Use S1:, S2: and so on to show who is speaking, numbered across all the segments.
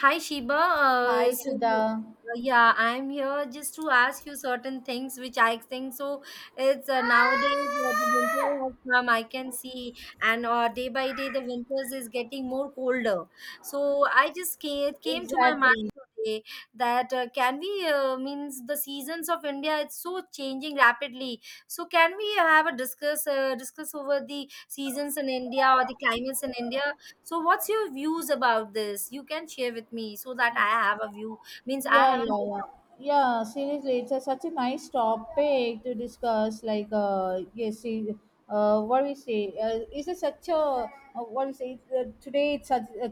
S1: Hi Sheba.
S2: Hi, Sudha.
S1: Yeah, I'm here just to ask you certain things which I think so. It's nowadays the winter has come, I can see, and day by day the winters is getting more colder. It came to my mind
S2: Exactly.
S1: today that can we means the seasons of India it's so changing rapidly. So can we have a discuss over the seasons in India or the climates in India? So what's your views about this? You can share with me so that I have a view. Means I
S2: Yeah,
S1: have an
S2: yeah, yeah. Yeah, seriously, it's such a nice topic to discuss. Like, yes, see, what we say is it such a what we say today? It's such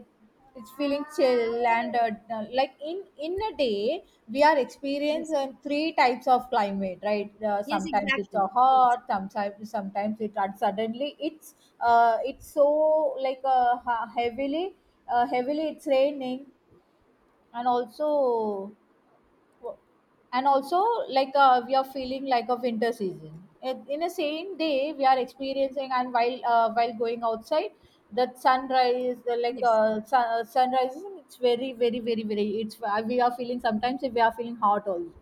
S2: it's feeling chill and like in a day we are
S1: yes,
S2: experiencing three types of climate, right?
S1: yes,
S2: Sometimes it's
S1: exactly.
S2: a
S1: Yes,
S2: hot, sometimes it and suddenly it's so like heavily it's raining and also like we are feeling like a winter season in the same day we are experiencing and while going outside that sunrise
S1: yes.
S2: sunrise it's very it's we are feeling, sometimes we are feeling hot also.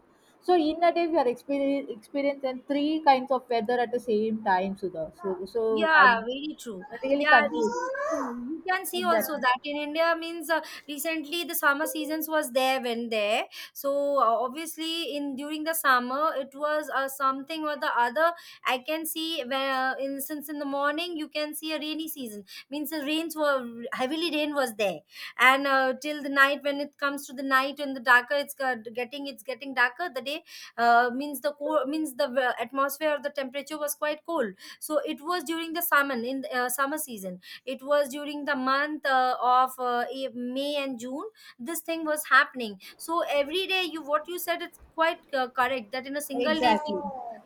S2: So in a day we are experiencing three kinds of weather at the same time, Sudha. So
S1: Yeah,
S2: I'm
S1: very true.
S2: really
S1: Yeah, recently only.
S2: confused.
S1: You can see also
S2: exactly
S1: that in India means recently the summer seasons was there when there. So obviously in during the summer it was something or the other. I can see when in since in the morning you can see a rainy season means the rains were heavily rain was there and till the night when it comes to the night and the darker getting it's getting darker the day means the cold means the atmosphere or the temperature was quite cold, so it was during the summer in the summer season. It was during the month of may and june this thing was happening. So every day you what you said it's quite correct that in a single day we
S2: exactly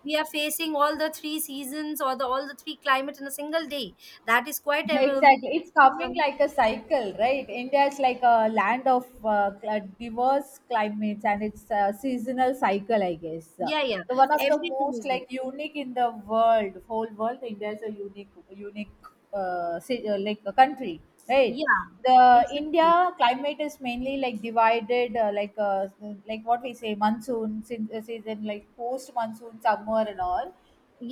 S1: we are facing all the three seasons or the all the three climate in a single day. That is quite ever.
S2: Exactly. It's coming
S1: um,
S2: like a cycle, right? India is like a land of diverse climates, and it's a seasonal cycle, I guess.
S1: yeah.
S2: So one of the
S1: Everything
S2: most
S1: is there.
S2: like unique in the world, whole world, India is a unique, unique like a country, right?
S1: Yeah,
S2: The
S1: exactly.
S2: India climate is mainly like divided, like what we say, season, like post monsoon, summer and all,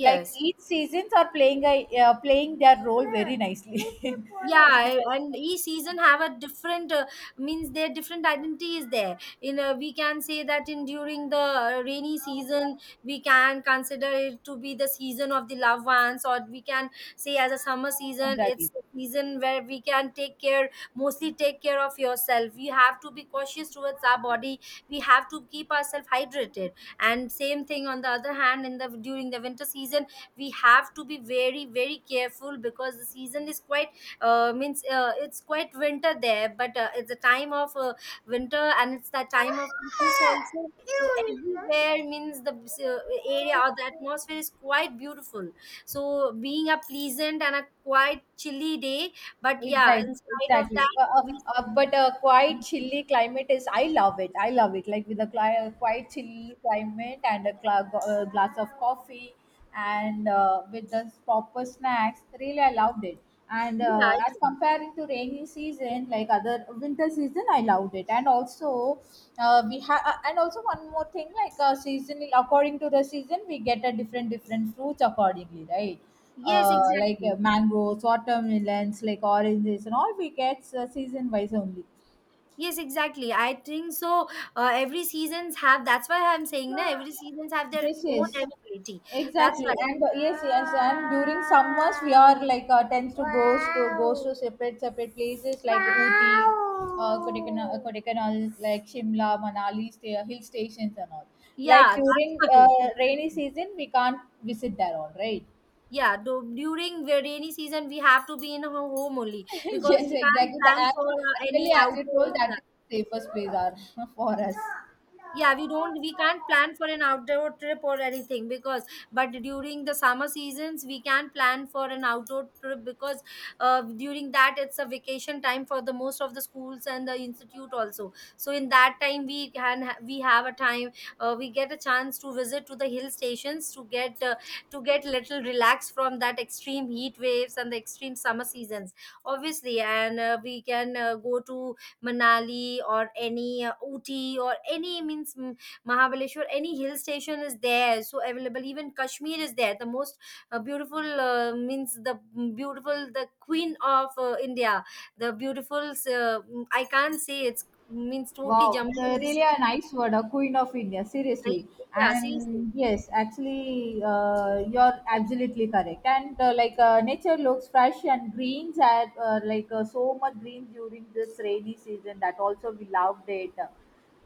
S2: like each seasons are playing a playing their role very nicely.
S1: Yeah, and each season have a different means their different identity is there in we can say that in during the rainy season we can consider it to be the season of the loved ones, or we can say as a summer season
S2: Exactly.
S1: it's a season where we can take care, mostly take care of yourself. We have to be cautious towards our body, we have to keep ourselves hydrated. And same thing on the other hand, in the during the winter season we have to be very careful because the season is quite means it's quite winter there, but it's a time of winter and it's the time of Christmas also. So everywhere means the area or the atmosphere is quite beautiful, so being a pleasant and a quite chilly day. But yeah,
S2: Exactly,
S1: in spite of
S2: exactly.
S1: that we
S2: But quite chilly climate is. I love it. I love it. Like with a quite chilly climate and a glass of coffee, and with the proper snacks. Really, I loved it. And
S1: yeah it,
S2: as comparing to rainy season, like other winter season, I loved it. And also, we have. And also one more thing, like seasonal. According to the season, we get a different fruits accordingly, right?
S1: yes
S2: Like
S1: exactly,
S2: mangoes, watermelons, like oranges, and all we get season wise only.
S1: yes exactly, I think so. Every seasons have, that's why I'm saying na, every seasons have their
S2: Yes,
S1: own
S2: yes,
S1: ability. That's
S2: exactly.
S1: why,
S2: And yes, yes, and during summers we are like tends to goes to separate places like Ooty, Kodaikanal, like Shimla, Manali, hill stations and all. Like
S1: yeah, that's
S2: during rainy
S1: why.
S2: season we can't visit there all, right?
S1: Yeah, do, during the rainy season we have to be in our home only because
S2: Yes,
S1: we can't
S2: exactly. The
S1: plan
S2: app
S1: for any
S2: really, as you
S1: outdoor.
S2: told, that is the safest place are for us.
S1: We can't plan for an outdoor trip or anything because, but during the summer seasons we can plan for an outdoor trip because during that it's a vacation time for the most of the schools and the institute also, so in that time we can we have a time, we get a chance to visit to the hill stations to get little relaxed from that extreme heat waves and the extreme summer seasons, obviously. And we can go to Manali or any Ooty or any means Mahabaleshwar, any hill station is there. So available, even Kashmir is there. The most beautiful means the beautiful, the queen of India, the beautiful, I can't say it's means totally
S2: Wow,
S1: Jammu
S2: really
S1: is,
S2: a nice word, a queen of India, seriously.
S1: yeah, seriously.
S2: And yes, actually, you're absolutely correct. And nature looks fresh and greens are so much green during this rainy season, that also we loved it.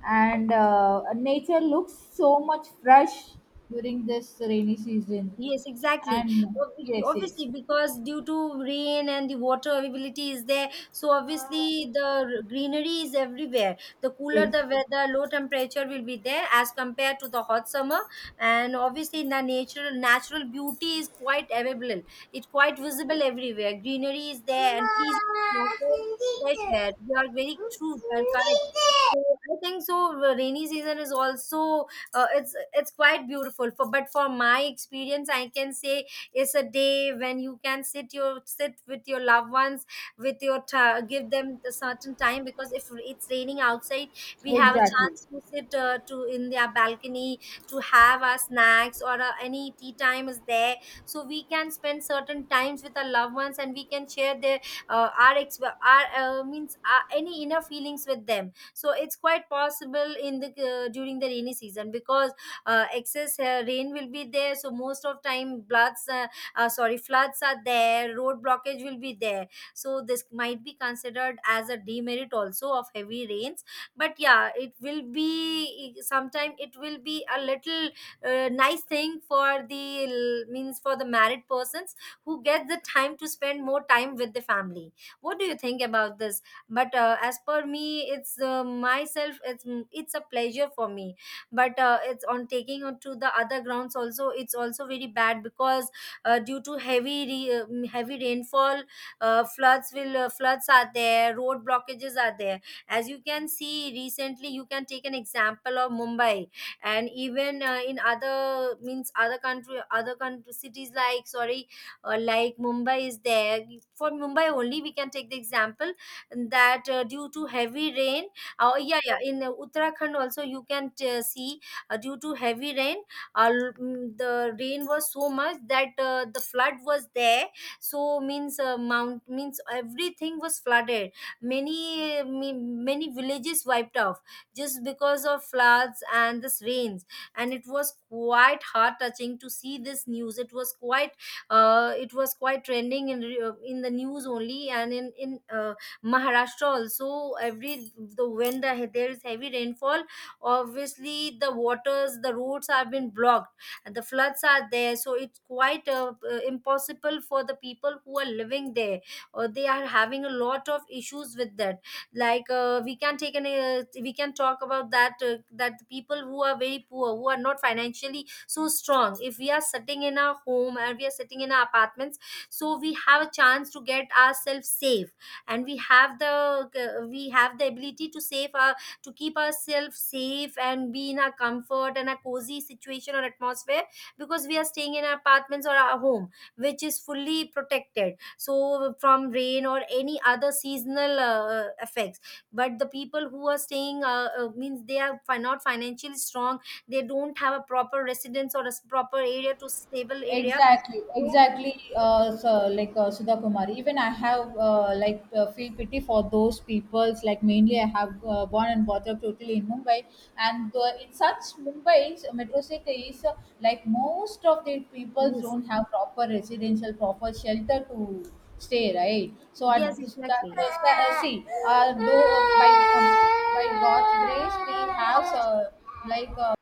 S2: And nature looks so much fresh during this rainy season.
S1: Yes, exactly.
S2: And
S1: Ob-
S2: yes, yes,
S1: Obviously, because due to rain and the water availability is there, so obviously the greenery is everywhere. The cooler
S2: yes.
S1: the weather, low temperature will be there as compared to the hot summer, and obviously the natural beauty is quite available. It's quite visible everywhere. Greenery is there, and please
S2: Mama,
S1: also fresh
S2: Cindy.
S1: air. You are very true and correct. So I think so. Rainy season is also it's quite beautiful for, but for my experience I can say it's a day when you can sit with your loved ones, with your give them a certain time, because if it's raining outside we have a
S2: Exactly.
S1: chance to sit to in their balcony, to have our snacks or any tea time is there. So we can spend certain times with our loved ones and we can share their our ex our means any inner feelings with them. So it's quite possible in the during the rainy season because excess rain will be there, so most of time floods sorry floods are there, road blockage will be there. So this might be considered as a demerit also of heavy rains. But yeah, it will be sometime it will be a little nice thing for the means for the married persons who get the time to spend more time with the family. What do you think about this? But as per me it's myself it's it's a pleasure for me. But it's on taking on to the other grounds also, it's also very bad because due to heavy re- heavy rainfall, floods are there, road blockages are there. As you can see, recently you can take an example of Mumbai, and even in other means other country cities like, sorry, like Mumbai is there. For Mumbai only we can take the example that due to heavy rain, yeah yeah in Uttarakhand also you can see. Due to heavy rain, the rain was so much that the flood was there. So means mount means everything was flooded, many many villages wiped off just because of floods and this rains. And it was quite heart touching to see this news. It was quite it was quite trending in in the news only. And in Maharashtra also, every the when the, there is heavy rainfall, obviously the waters, the roads have been blocked, and the floods are there. So it's quite impossible for the people who are living there, or they are having a lot of issues with that. Like we can talk about that that the people who are very poor, who are not financially so strong. If we are sitting in our home and we are sitting in our apartments, so we have a chance to get ourselves safe, and we have the, we have the ability to save our, to keep ourselves safe and be in our comfort and a cozy situation or atmosphere because we are staying in our apartments or our home, which is fully protected so from rain or any other seasonal effects. But the people who are staying means they are not financially strong, they don't have a proper residence or a proper area to stable area,
S2: Exactly,
S1: so
S2: exactly. So like Sudha Kumari, even I have feel pity for those peoples. Like mainly, I have born and brought up totally in Mumbai, and in such Mumbai's metro city is like most of the people
S1: yes,
S2: don't have proper residential, proper shelter to stay, right? So at
S1: yes,
S2: this- that
S1: exactly.
S2: is the see, though by God's grace, we have like uh,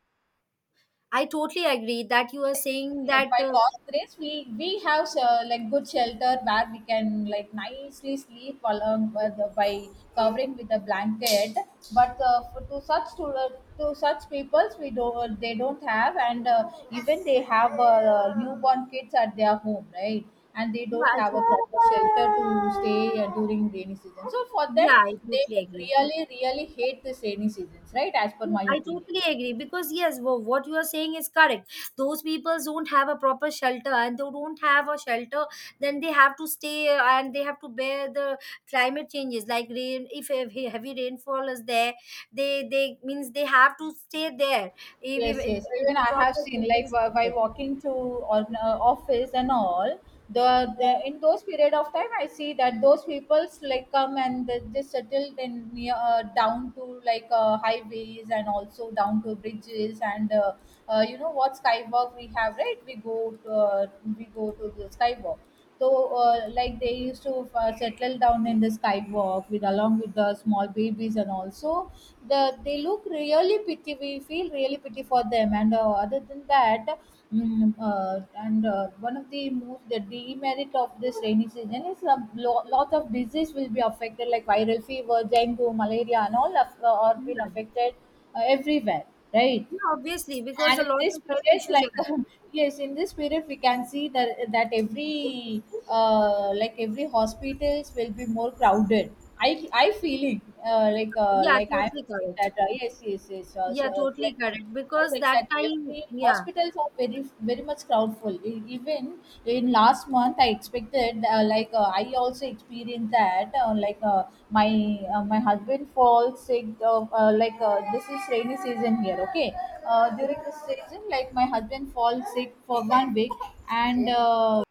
S1: I totally agree that you are saying
S2: Yes,
S1: that.
S2: by God's grace, we have like good shelter where we can like nicely sleep along with by covering with a blanket. But for, to such peoples, we don't they don't have, and even they have newborn kids at their home, right? And they
S1: Yeah,
S2: don't
S1: I
S2: have a
S1: totally.
S2: proper shelter to stay during rainy season. So for them,
S1: Yeah, I
S2: they
S1: totally
S2: would
S1: agree.
S2: really really hate this rainy seasons, right? As per
S1: Yeah,
S2: my
S1: I
S2: opinion.
S1: totally agree because yes, what you are saying is correct. Those people don't have a proper shelter, and they don't have a shelter, then they have to stay and they have to bear the climate changes like rain. If heavy rainfall is there, they means they have to stay there
S2: Yes, yes.
S1: if
S2: Even
S1: the
S2: I have
S1: proper
S2: seen
S1: shelter
S2: like
S1: is not
S2: by
S1: there.
S2: walking to on office and all the in those period of time I see that those people's like come and they just settled in near down to like highways and also down to bridges and you know what skywalk we have, right, we go to the skywalk, so, like they used to settle down in the skywalk with along with the small babies, and also the they look really pity. We feel really pity for them. And other than that, mm, and one of the most the demerit of this rainy season is a lot of disease will be affected like viral fever, dengue, malaria, and all have, are been
S1: Yeah.
S2: affected everywhere, right?
S1: Yeah, obviously because
S2: And
S1: a
S2: in
S1: lot
S2: this
S1: of health
S2: period
S1: issues are.
S2: like yes in this period we can see that that every like every hospitals will be more crowded. I feel it.
S1: Yeah,
S2: I
S1: totally
S2: feel
S1: correct.
S2: that yes, yes, yes,
S1: Yeah, totally
S2: like
S1: correct.
S2: yes,
S1: Because that
S2: exactly,
S1: time,
S2: every
S1: yeah,
S2: hospitals are very very much crowdful. E- Even in last month, I expected I also experienced that my my husband falls sick. This is rainy season here. Okay, during this season, like my husband falls sick for 1 week, and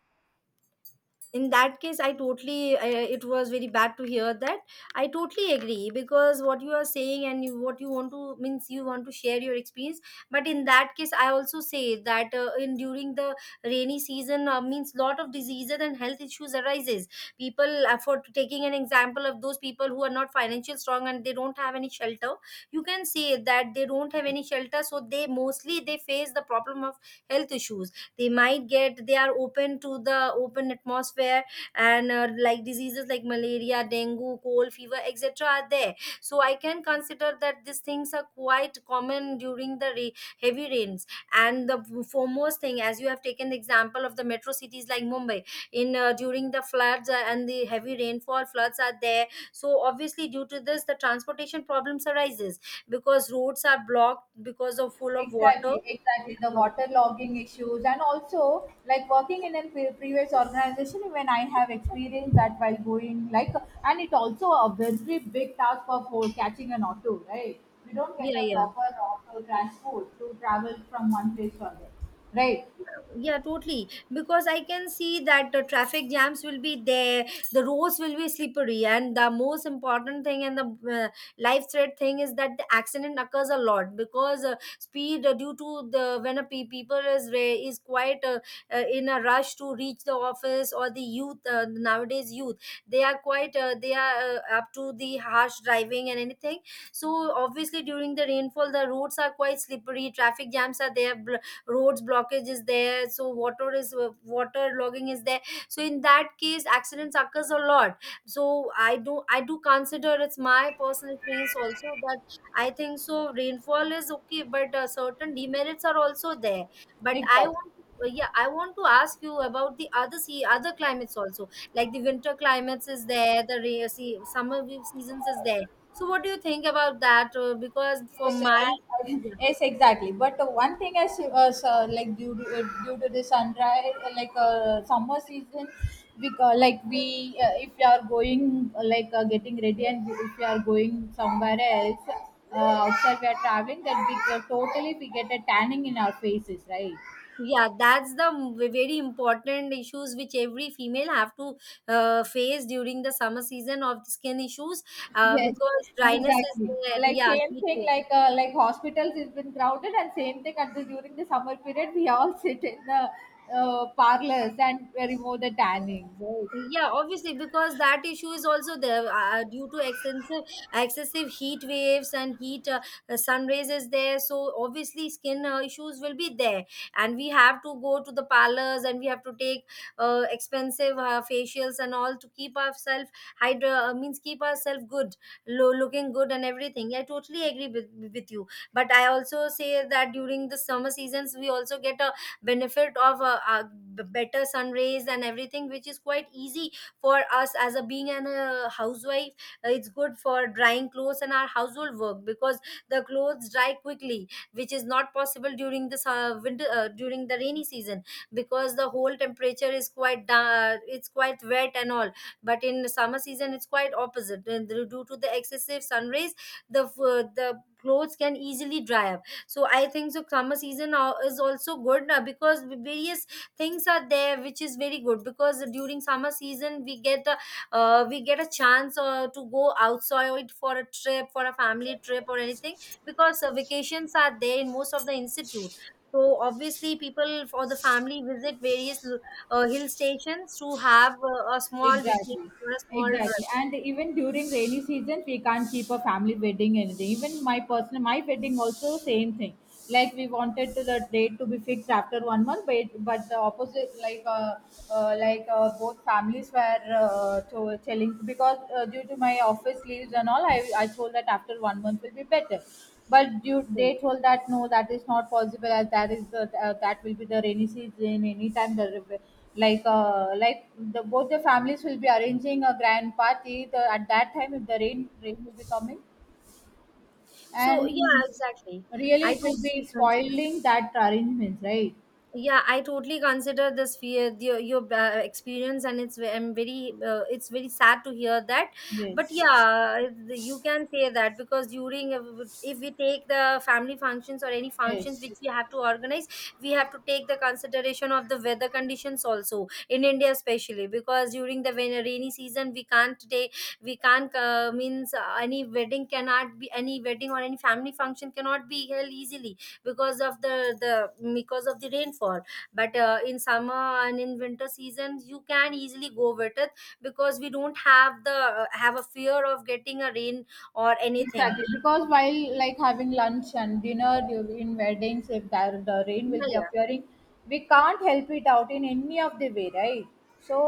S1: in that case it was very bad to hear that. I totally agree because what you are saying and what you want to means you want to share your experience. But in that case I also say that in during the rainy season means lot of diseases and health issues arises. People for taking an example of those people who are not financially strong and they don't have any shelter. You can say that they don't have any shelter, so they mostly they face the problem of health issues. They might get, they are open to the open atmosphere. And like diseases like malaria, dengue, cold, fever, etc. are there. So I can consider that these things are quite common during the heavy rains. And the foremost thing, as you have taken the example of the metro cities like Mumbai, in during the floods and the heavy rainfall, floods are there. So obviously due to this the transportation problems arises because roads are blocked because of full of water.
S2: exactly, exactly. The
S1: Um,
S2: waterlogging issues, and also like working in a previous organization, when I have experienced that while going, like, and it also a very big task for catching an auto, right? We don't get
S1: yeah,
S2: a
S1: yeah.
S2: proper auto transport to travel from one place to another, right?
S1: Yeah, totally. Because I can see that the traffic jams will be there, the roads will be slippery, and the most important thing and the life threat thing is that the accident occurs a lot because speed due to the when people is quite in a rush to reach the office, or the youth, nowadays youth, they are quite they are up to the harsh driving and anything. So obviously during the rainfall the roads are quite slippery, traffic jams are there, roads blockage is there, so water logging is there. So in that case accidents occurs a lot. So I do consider it's my personal experience also that I think so rainfall is okay, but certain demerits are also there. But I
S2: Exactly.
S1: want to yeah, I want to ask you about the other other climates also. Like the winter climates is there, the summer seasons is there. So, what do you think about that? Because for
S2: Yes, sir,
S1: my, yeah.
S2: yes, exactly. But one thing I see, like due to due to the sunrise, summer season, we like we if you are going getting ready and if you are going somewhere else outside, we are traveling. That we totally we get a tanning in our faces, right?
S1: Yeah, that's the very important issues which every female have to face during the summer season of skin issues. Uh,
S2: Yes,
S1: because dryness is
S2: exactly.
S1: there,
S2: Like
S1: yeah,
S2: same
S1: heat
S2: thing,
S1: is.
S2: like hospitals has been crowded, and same thing at the during the summer period, we all sit in the parlors and remove the tanning. Right?
S1: Yeah, obviously, because that issue is also there due to excessive heat waves and heat sun rays is there. So obviously, skin issues will be there, and we have to go to the parlors and we have to take expensive facials and all to keep ourselves hydra means keep ourselves good, looking good and everything. I totally agree with you, but I also say that during the summer seasons we also get a benefit of better sun rays and everything which is quite easy for us as a being an housewife. It's good for drying clothes and our household work because the clothes dry quickly, which is not possible during the winter during the rainy season, because the whole temperature is quite it's quite wet and all. But in the summer season it's quite opposite. And due to the excessive sun rays, the clothes can easily dry up. So I think so summer season is also good, because various things are there which is very good, because during summer season we get a chance to go outside for a trip, for a family trip or anything, because vacations are there in most of the institute. So obviously people for the family visit various hill stations to have a small
S2: Exactly.
S1: vacation or a small trip.
S2: Exactly. And even during rainy season, we can't keep a family wedding anything. Even my personal, my wedding also same thing. Like we wanted to the date to be fixed after 1 month, but the opposite, like both families were telling because due to my office leaves and all, I told that after 1 month will be better. But you, they told that no, that is not possible as that is the, that will be the rainy season. Anytime the like the both the families will be arranging a grand party the, at that time if the rain will be coming
S1: So yeah,
S2: and
S1: exactly,
S2: really
S1: I
S2: it will be
S1: totally agree.
S2: spoiling that arrangements, right?
S1: Yeah, I totally consider this fear, your experience, and I'm very it's very sad to hear that. But
S2: Yes,
S1: yeah, you can say that, because during if we take the family functions or any functions
S2: yes.
S1: which we have to organize, we have to take the consideration of the weather conditions also in India, especially, because during the rainy season we can't take, we can't means any wedding cannot be, any wedding or any family function cannot be held easily because of the, because of the rainfall. But in summer and in winter seasons you can easily go with it, because we don't have the have a fear of getting a rain or anything.
S2: Exactly, because while like having lunch and dinner in weddings, if there the rain will
S1: Yeah,
S2: be
S1: yeah,
S2: appearing, we can't help it out in any of the way, right?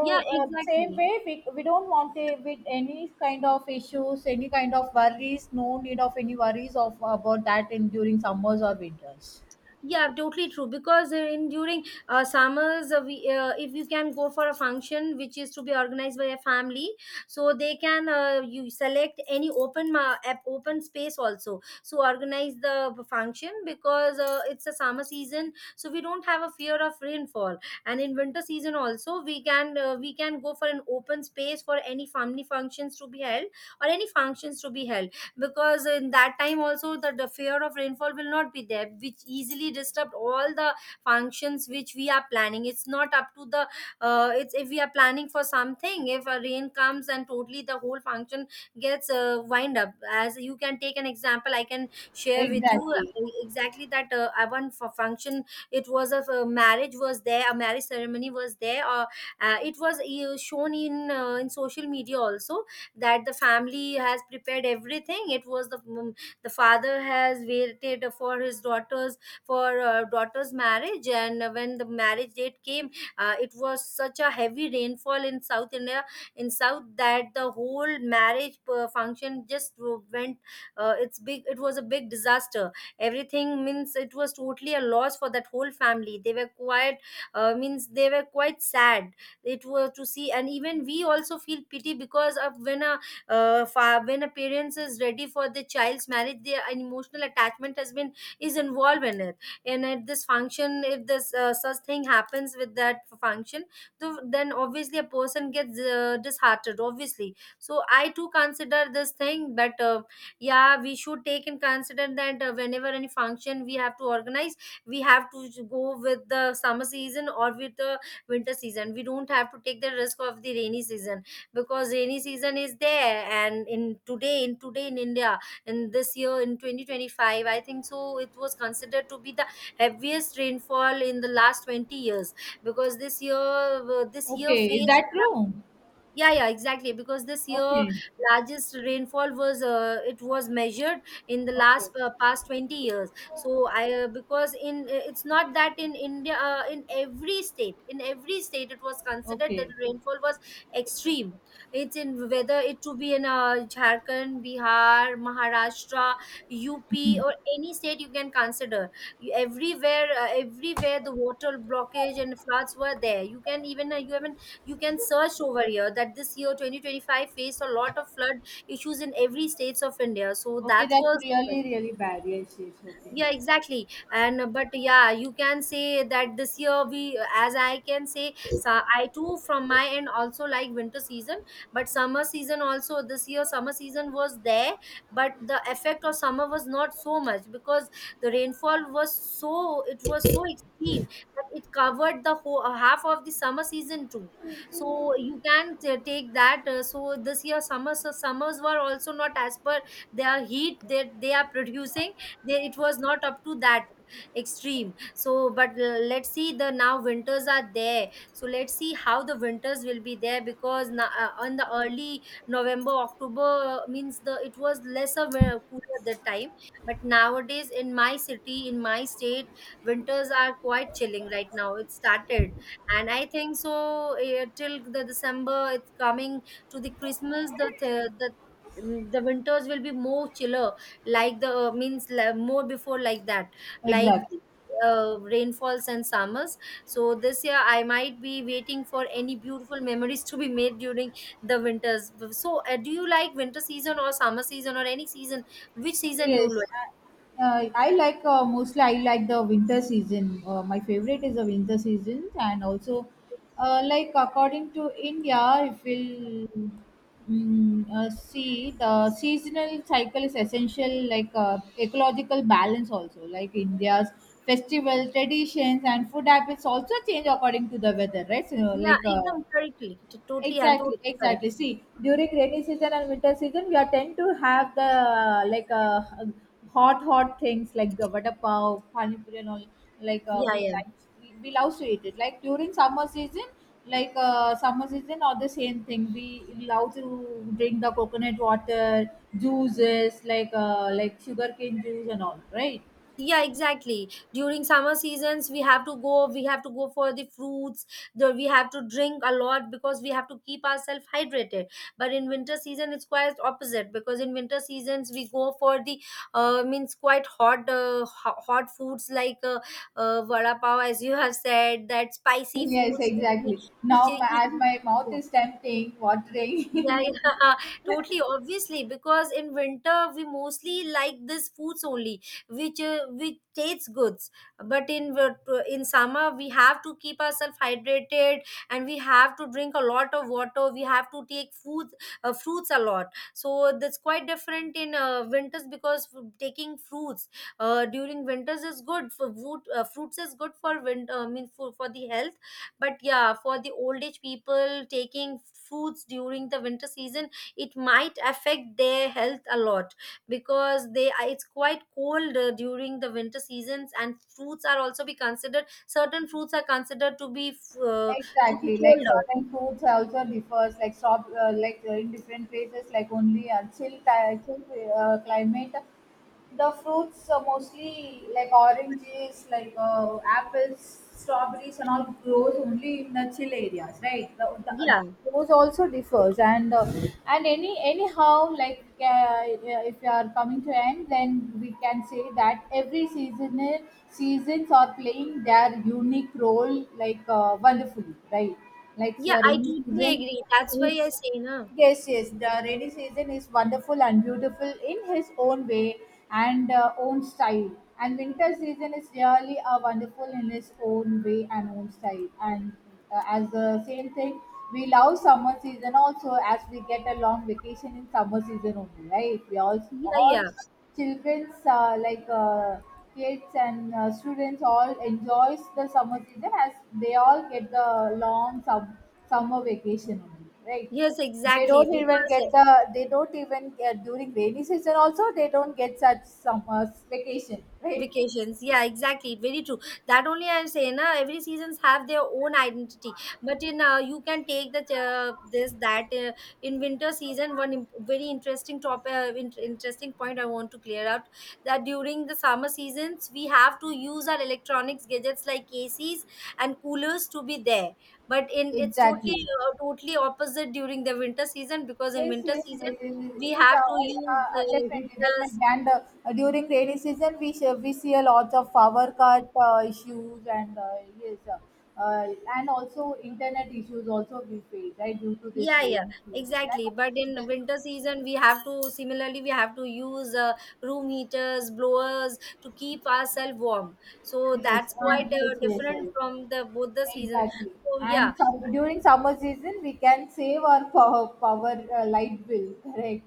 S1: yeah,
S2: same
S1: exactly.
S2: way, we don't want to with any kind of issues, any kind of worries. No need of any worries of about that in during summers or winters.
S1: Yeah, totally true. Because in during summers, if you can go for a function which is to be organized by a family, so they can you select any open open space also. So organize the function because it's a summer season, so we don't have a fear of rainfall. And in winter season also, we can go for an open space for any family functions to be held or any functions to be held, because in that time also the fear of rainfall will not be there, which easily disrupt all the functions which we are planning. It's not up to the it's if we are planning for something, if a rain comes and totally the whole function gets wind up. As you can take an example, I can share with you
S2: Exactly.
S1: exactly that one for function, it was a marriage was there, a marriage ceremony was there, or it was shown in social media also, that the family has prepared everything. It was the the father has waited for his daughter's, for daughter's marriage, and when the marriage date came, it was such a heavy rainfall in South India, in south, that the whole marriage function just went, it was a big disaster. Everything means it was totally a loss for that whole family. They were quite means they were quite sad it was to see. And even we also feel pity, because of when a when a parents is ready for the child's marriage, their emotional attachment has been, is involved in it. And at this function, if this such thing happens with that function, so then obviously a person gets disheartened, obviously. So I too consider this thing, but yeah, we should take in consider that whenever any function we have to organize, we have to go with the summer season or with the winter season. We don't have to take the risk of the rainy season. Because rainy season is there, and in today, in today in India, in this year in 2025, I think so it was considered to be the heaviest rainfall in the last 20 years, because this year
S2: Okay, is
S1: faced.
S2: that true?
S1: Yeah, yeah, exactly, because this year
S2: Okay,
S1: largest rainfall was it was measured in the
S2: okay,
S1: last past 20 years. So I because in it's not that in India, in every state, in every state it was considered that
S2: okay,
S1: the rainfall was extreme. It's in, whether it to be in Jharkhand, Bihar, Maharashtra, UP, or any state you can consider. Everywhere everywhere the water blockage and floods were there. You can even you even, you can search over here that this year 2025 faced a lot of flood issues in every states of India. So
S2: okay.
S1: that
S2: That's
S1: was,
S2: really really bad. Yes, yes. Okay.
S1: yeah, exactly. And but yeah, you can say that this year we, as I can say, so I too from my end also like winter season, but summer season also, this year summer season was there, but the effect of summer was not so much, because the rainfall was, so it was so extreme that it covered the whole half of the summer season too. So you can take that so this year summers, so summers were also not as per their heat that they are producing. It was not up to that extreme. So but let's see, the now winters are there. So let's see how the winters will be there, because now, on the early November, October, means the it was lesser cooler at that time, but nowadays in my city, in my state, winters are quite chilling right now, it started. And I think so till the December it's coming, to the Christmas, the the winters will be more chiller, like the means more before like that, like
S2: Exactly.
S1: rainfalls and summers. So this year I might be waiting for any beautiful memories to be made during the winters. So do you like winter season or summer season, or any season, which season you
S2: Yes,
S1: like?
S2: I like mostly I like the winter season. My favorite is the winter season, and also like according to India, if we'll see the seasonal cycle is essential, like ecological balance also, like India's festival traditions and food habits also change according to the weather, right? So
S1: Yeah,
S2: like.
S1: एकदम correctly, totally I'm
S2: Exactly,
S1: totally
S2: exactly.
S1: correct.
S2: See, during rainy season and winter season, we are tend to have the hot, hot things like the vada pav, pani puri, and all. Like
S1: Yeah,
S2: we
S1: yeah,
S2: like we love to eat it. Like during summer season, like summer season, or the same thing. We love to drink the coconut water, juices like sugarcane juice and all, right?
S1: yeah, exactly, during summer seasons we have to go, we have to go for the fruits. We have to drink a lot because we have to keep ourselves hydrated. But in winter season it's quite opposite, because in winter seasons we go for the means quite hot hot foods like vada pav, as you have said, that spicy
S2: Yes,
S1: foods
S2: exactly.
S1: which
S2: Now, my- as
S1: easily.
S2: my mouth is tempting,
S1: Yeah,
S2: watering.
S1: yeah, totally. Obviously, because in winter we mostly like these foods only, which tastes goods. But in summer we have to keep ourselves hydrated, and we have to drink a lot of water. We have to take food, fruits a lot. So that's quite different in winters, because taking fruits during winters is good for food. Fruits is good for winter. I mean for the health. But yeah, for the old age people, taking foods during the winter season, it might affect their health a lot because it's quite cold during the winter seasons, and fruits are also be considered, certain fruits are considered uh, to be
S2: Exactly, like
S1: colder.
S2: certain foods also differs, like shop, in different places, like only chill climate the fruits are mostly like oranges, like apples, strawberries, and all grows only in the chill areas, right? The,
S1: Yeah,
S2: those also differs, and any anyhow, like if you are coming to end, then we can say that every season seasons are playing their unique role, like wonderfully, right? Like
S1: yeah,
S2: so
S1: I
S2: rainy
S1: totally
S2: season
S1: agree, that's why I
S2: is
S1: say. No.
S2: yes, yes, the rainy season is wonderful and beautiful in his own way and own style. And winter season is really wonderful in his own way and own style. And as the same thing, we love summer season also as we get a long vacation in summer season only, right? We
S1: Yeah,
S2: all
S1: yeah.
S2: childrens kids and students all enjoys the summer season as they all get the summer vacation only, right?
S1: Yes,
S2: They
S1: exactly,
S2: don't even
S1: because
S2: get the. They don't even during rainy season also they don't get such summers vacation, right?
S1: vacations, yeah, exactly, very true. That only I'm saying na, every seasons have their own identity. But in you can take the this that. In winter season, one very interesting topic, interesting point I want to clear out, that during the summer seasons we have to use our electronics gadgets like acs and coolers to be there. But in, it's
S2: Exactly.
S1: totally totally opposite during the winter season, because in
S2: Yes,
S1: winter
S2: yes, yes,
S1: season
S2: yes,
S1: we
S2: yes,
S1: have to use
S2: definitely, definitely.
S1: heaters.
S2: And during rainy season, we see a lot of power cut issues, and yes, and also internet issues also we face right due to this
S1: Yeah, yeah,
S2: rainy season. Right?
S1: exactly. But in
S2: Yes,
S1: winter season, we have to, similarly we have to use room heaters, blowers to keep ourselves warm. So
S2: yes,
S1: that's quite
S2: and yes, yes, yes.
S1: different from the both the seasons.
S2: Exactly.
S1: So yeah,
S2: And some, during summer season, we can save our power, power light bill, correct?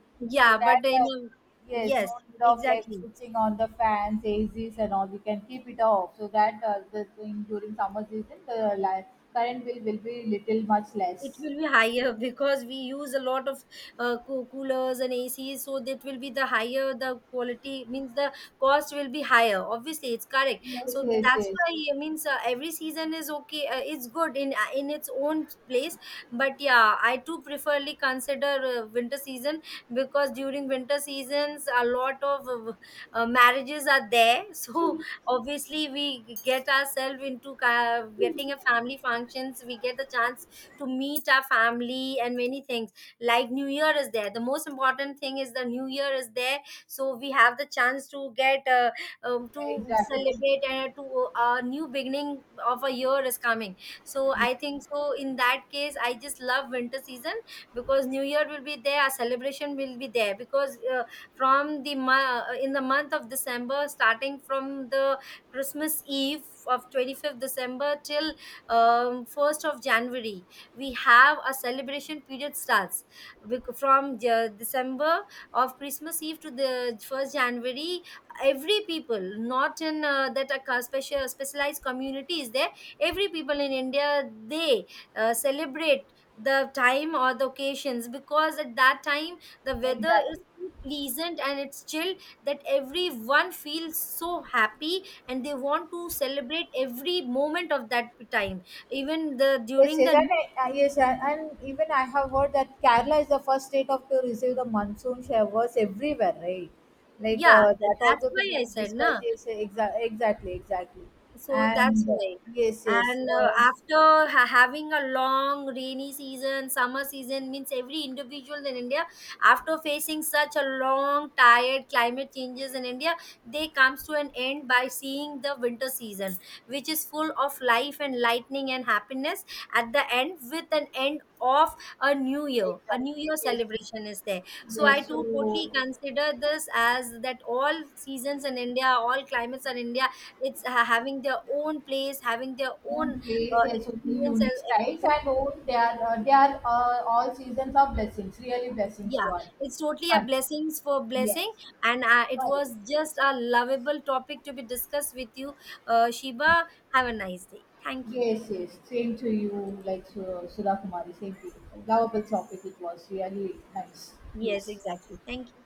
S2: So
S1: yeah.
S2: that,
S1: But in
S2: yes,
S1: yes,
S2: no need of like
S1: exactly.
S2: switching on the fans, ACs, and all. We can keep it off. So that the thing during summer season, the current bill will be little much
S1: It
S2: less.
S1: will be higher because we use a lot of coolers and acs, so that will be the higher, the quality means the cost will be higher, obviously, it's correct.
S2: Yes,
S1: So
S2: yes,
S1: that's
S2: yes.
S1: why it means every season is okay, it's good in its own place. But yeah, I too preferably consider winter season, because during winter seasons a lot of marriages are there so obviously we get ourselves into getting a family functions. We get the chance to meet our family and many things, like new year is there. The most important thing is the new year is there, so we have the chance to get to
S2: Exactly.
S1: celebrate and to a new beginning of a year is coming. So I think so, in that case I just love winter season because new year will be there. A celebration will be there because in the month of December, starting from the Christmas Eve of 25th December till 1st of January, we have a celebration period starts, December, of Christmas Eve to the first January. Every people, not in that a special specialized community is there, every people in India, they celebrate the time or the occasions, because at that time the weather is
S2: Exactly.
S1: so pleasant and it's chill, that everyone feels so happy and they want to celebrate every moment of that time, even the
S2: Yes,
S1: during
S2: yes,
S1: the.
S2: and yes, and even I have heard that Kerala is the first state of to receive the monsoon showers everywhere, right? Like
S1: Yeah,
S2: that
S1: that's
S2: also to
S1: why I
S2: be
S1: said
S2: discussed.
S1: na,
S2: Yes, exactly, exactly,
S1: so that's
S2: and
S1: why.
S2: yes, yes,
S1: And after ha- having a long rainy season, summer season means every individual in India, after facing such a long, tired climate changes in India, they comes to an end by seeing the winter season, which is full of life and lightning and happiness. At the end, with an end of a new
S2: exactly,
S1: year
S2: yes,
S1: celebration is there. So I
S2: yes. So
S1: too totally consider this as that all seasons in India, all climates in India, it's having their own place, having their own
S2: own place has only
S1: experience and
S2: unique styles
S1: everything.
S2: and own they are all seasons of blessings, really blessings to
S1: Yeah,
S2: our
S1: it's totally a
S2: country.
S1: blessings for
S2: Yes,
S1: blessing. And it
S2: correct.
S1: was just a lovable topic to be discussed with you, Shiba. Have a nice day, thank you.
S2: Yes, yes. Same to you, like Sudha Kumari. Same to you.
S1: Thank you.
S2: Lovable topic it was. Really nice.
S1: Yes,
S2: Yes.
S1: exactly, thank you.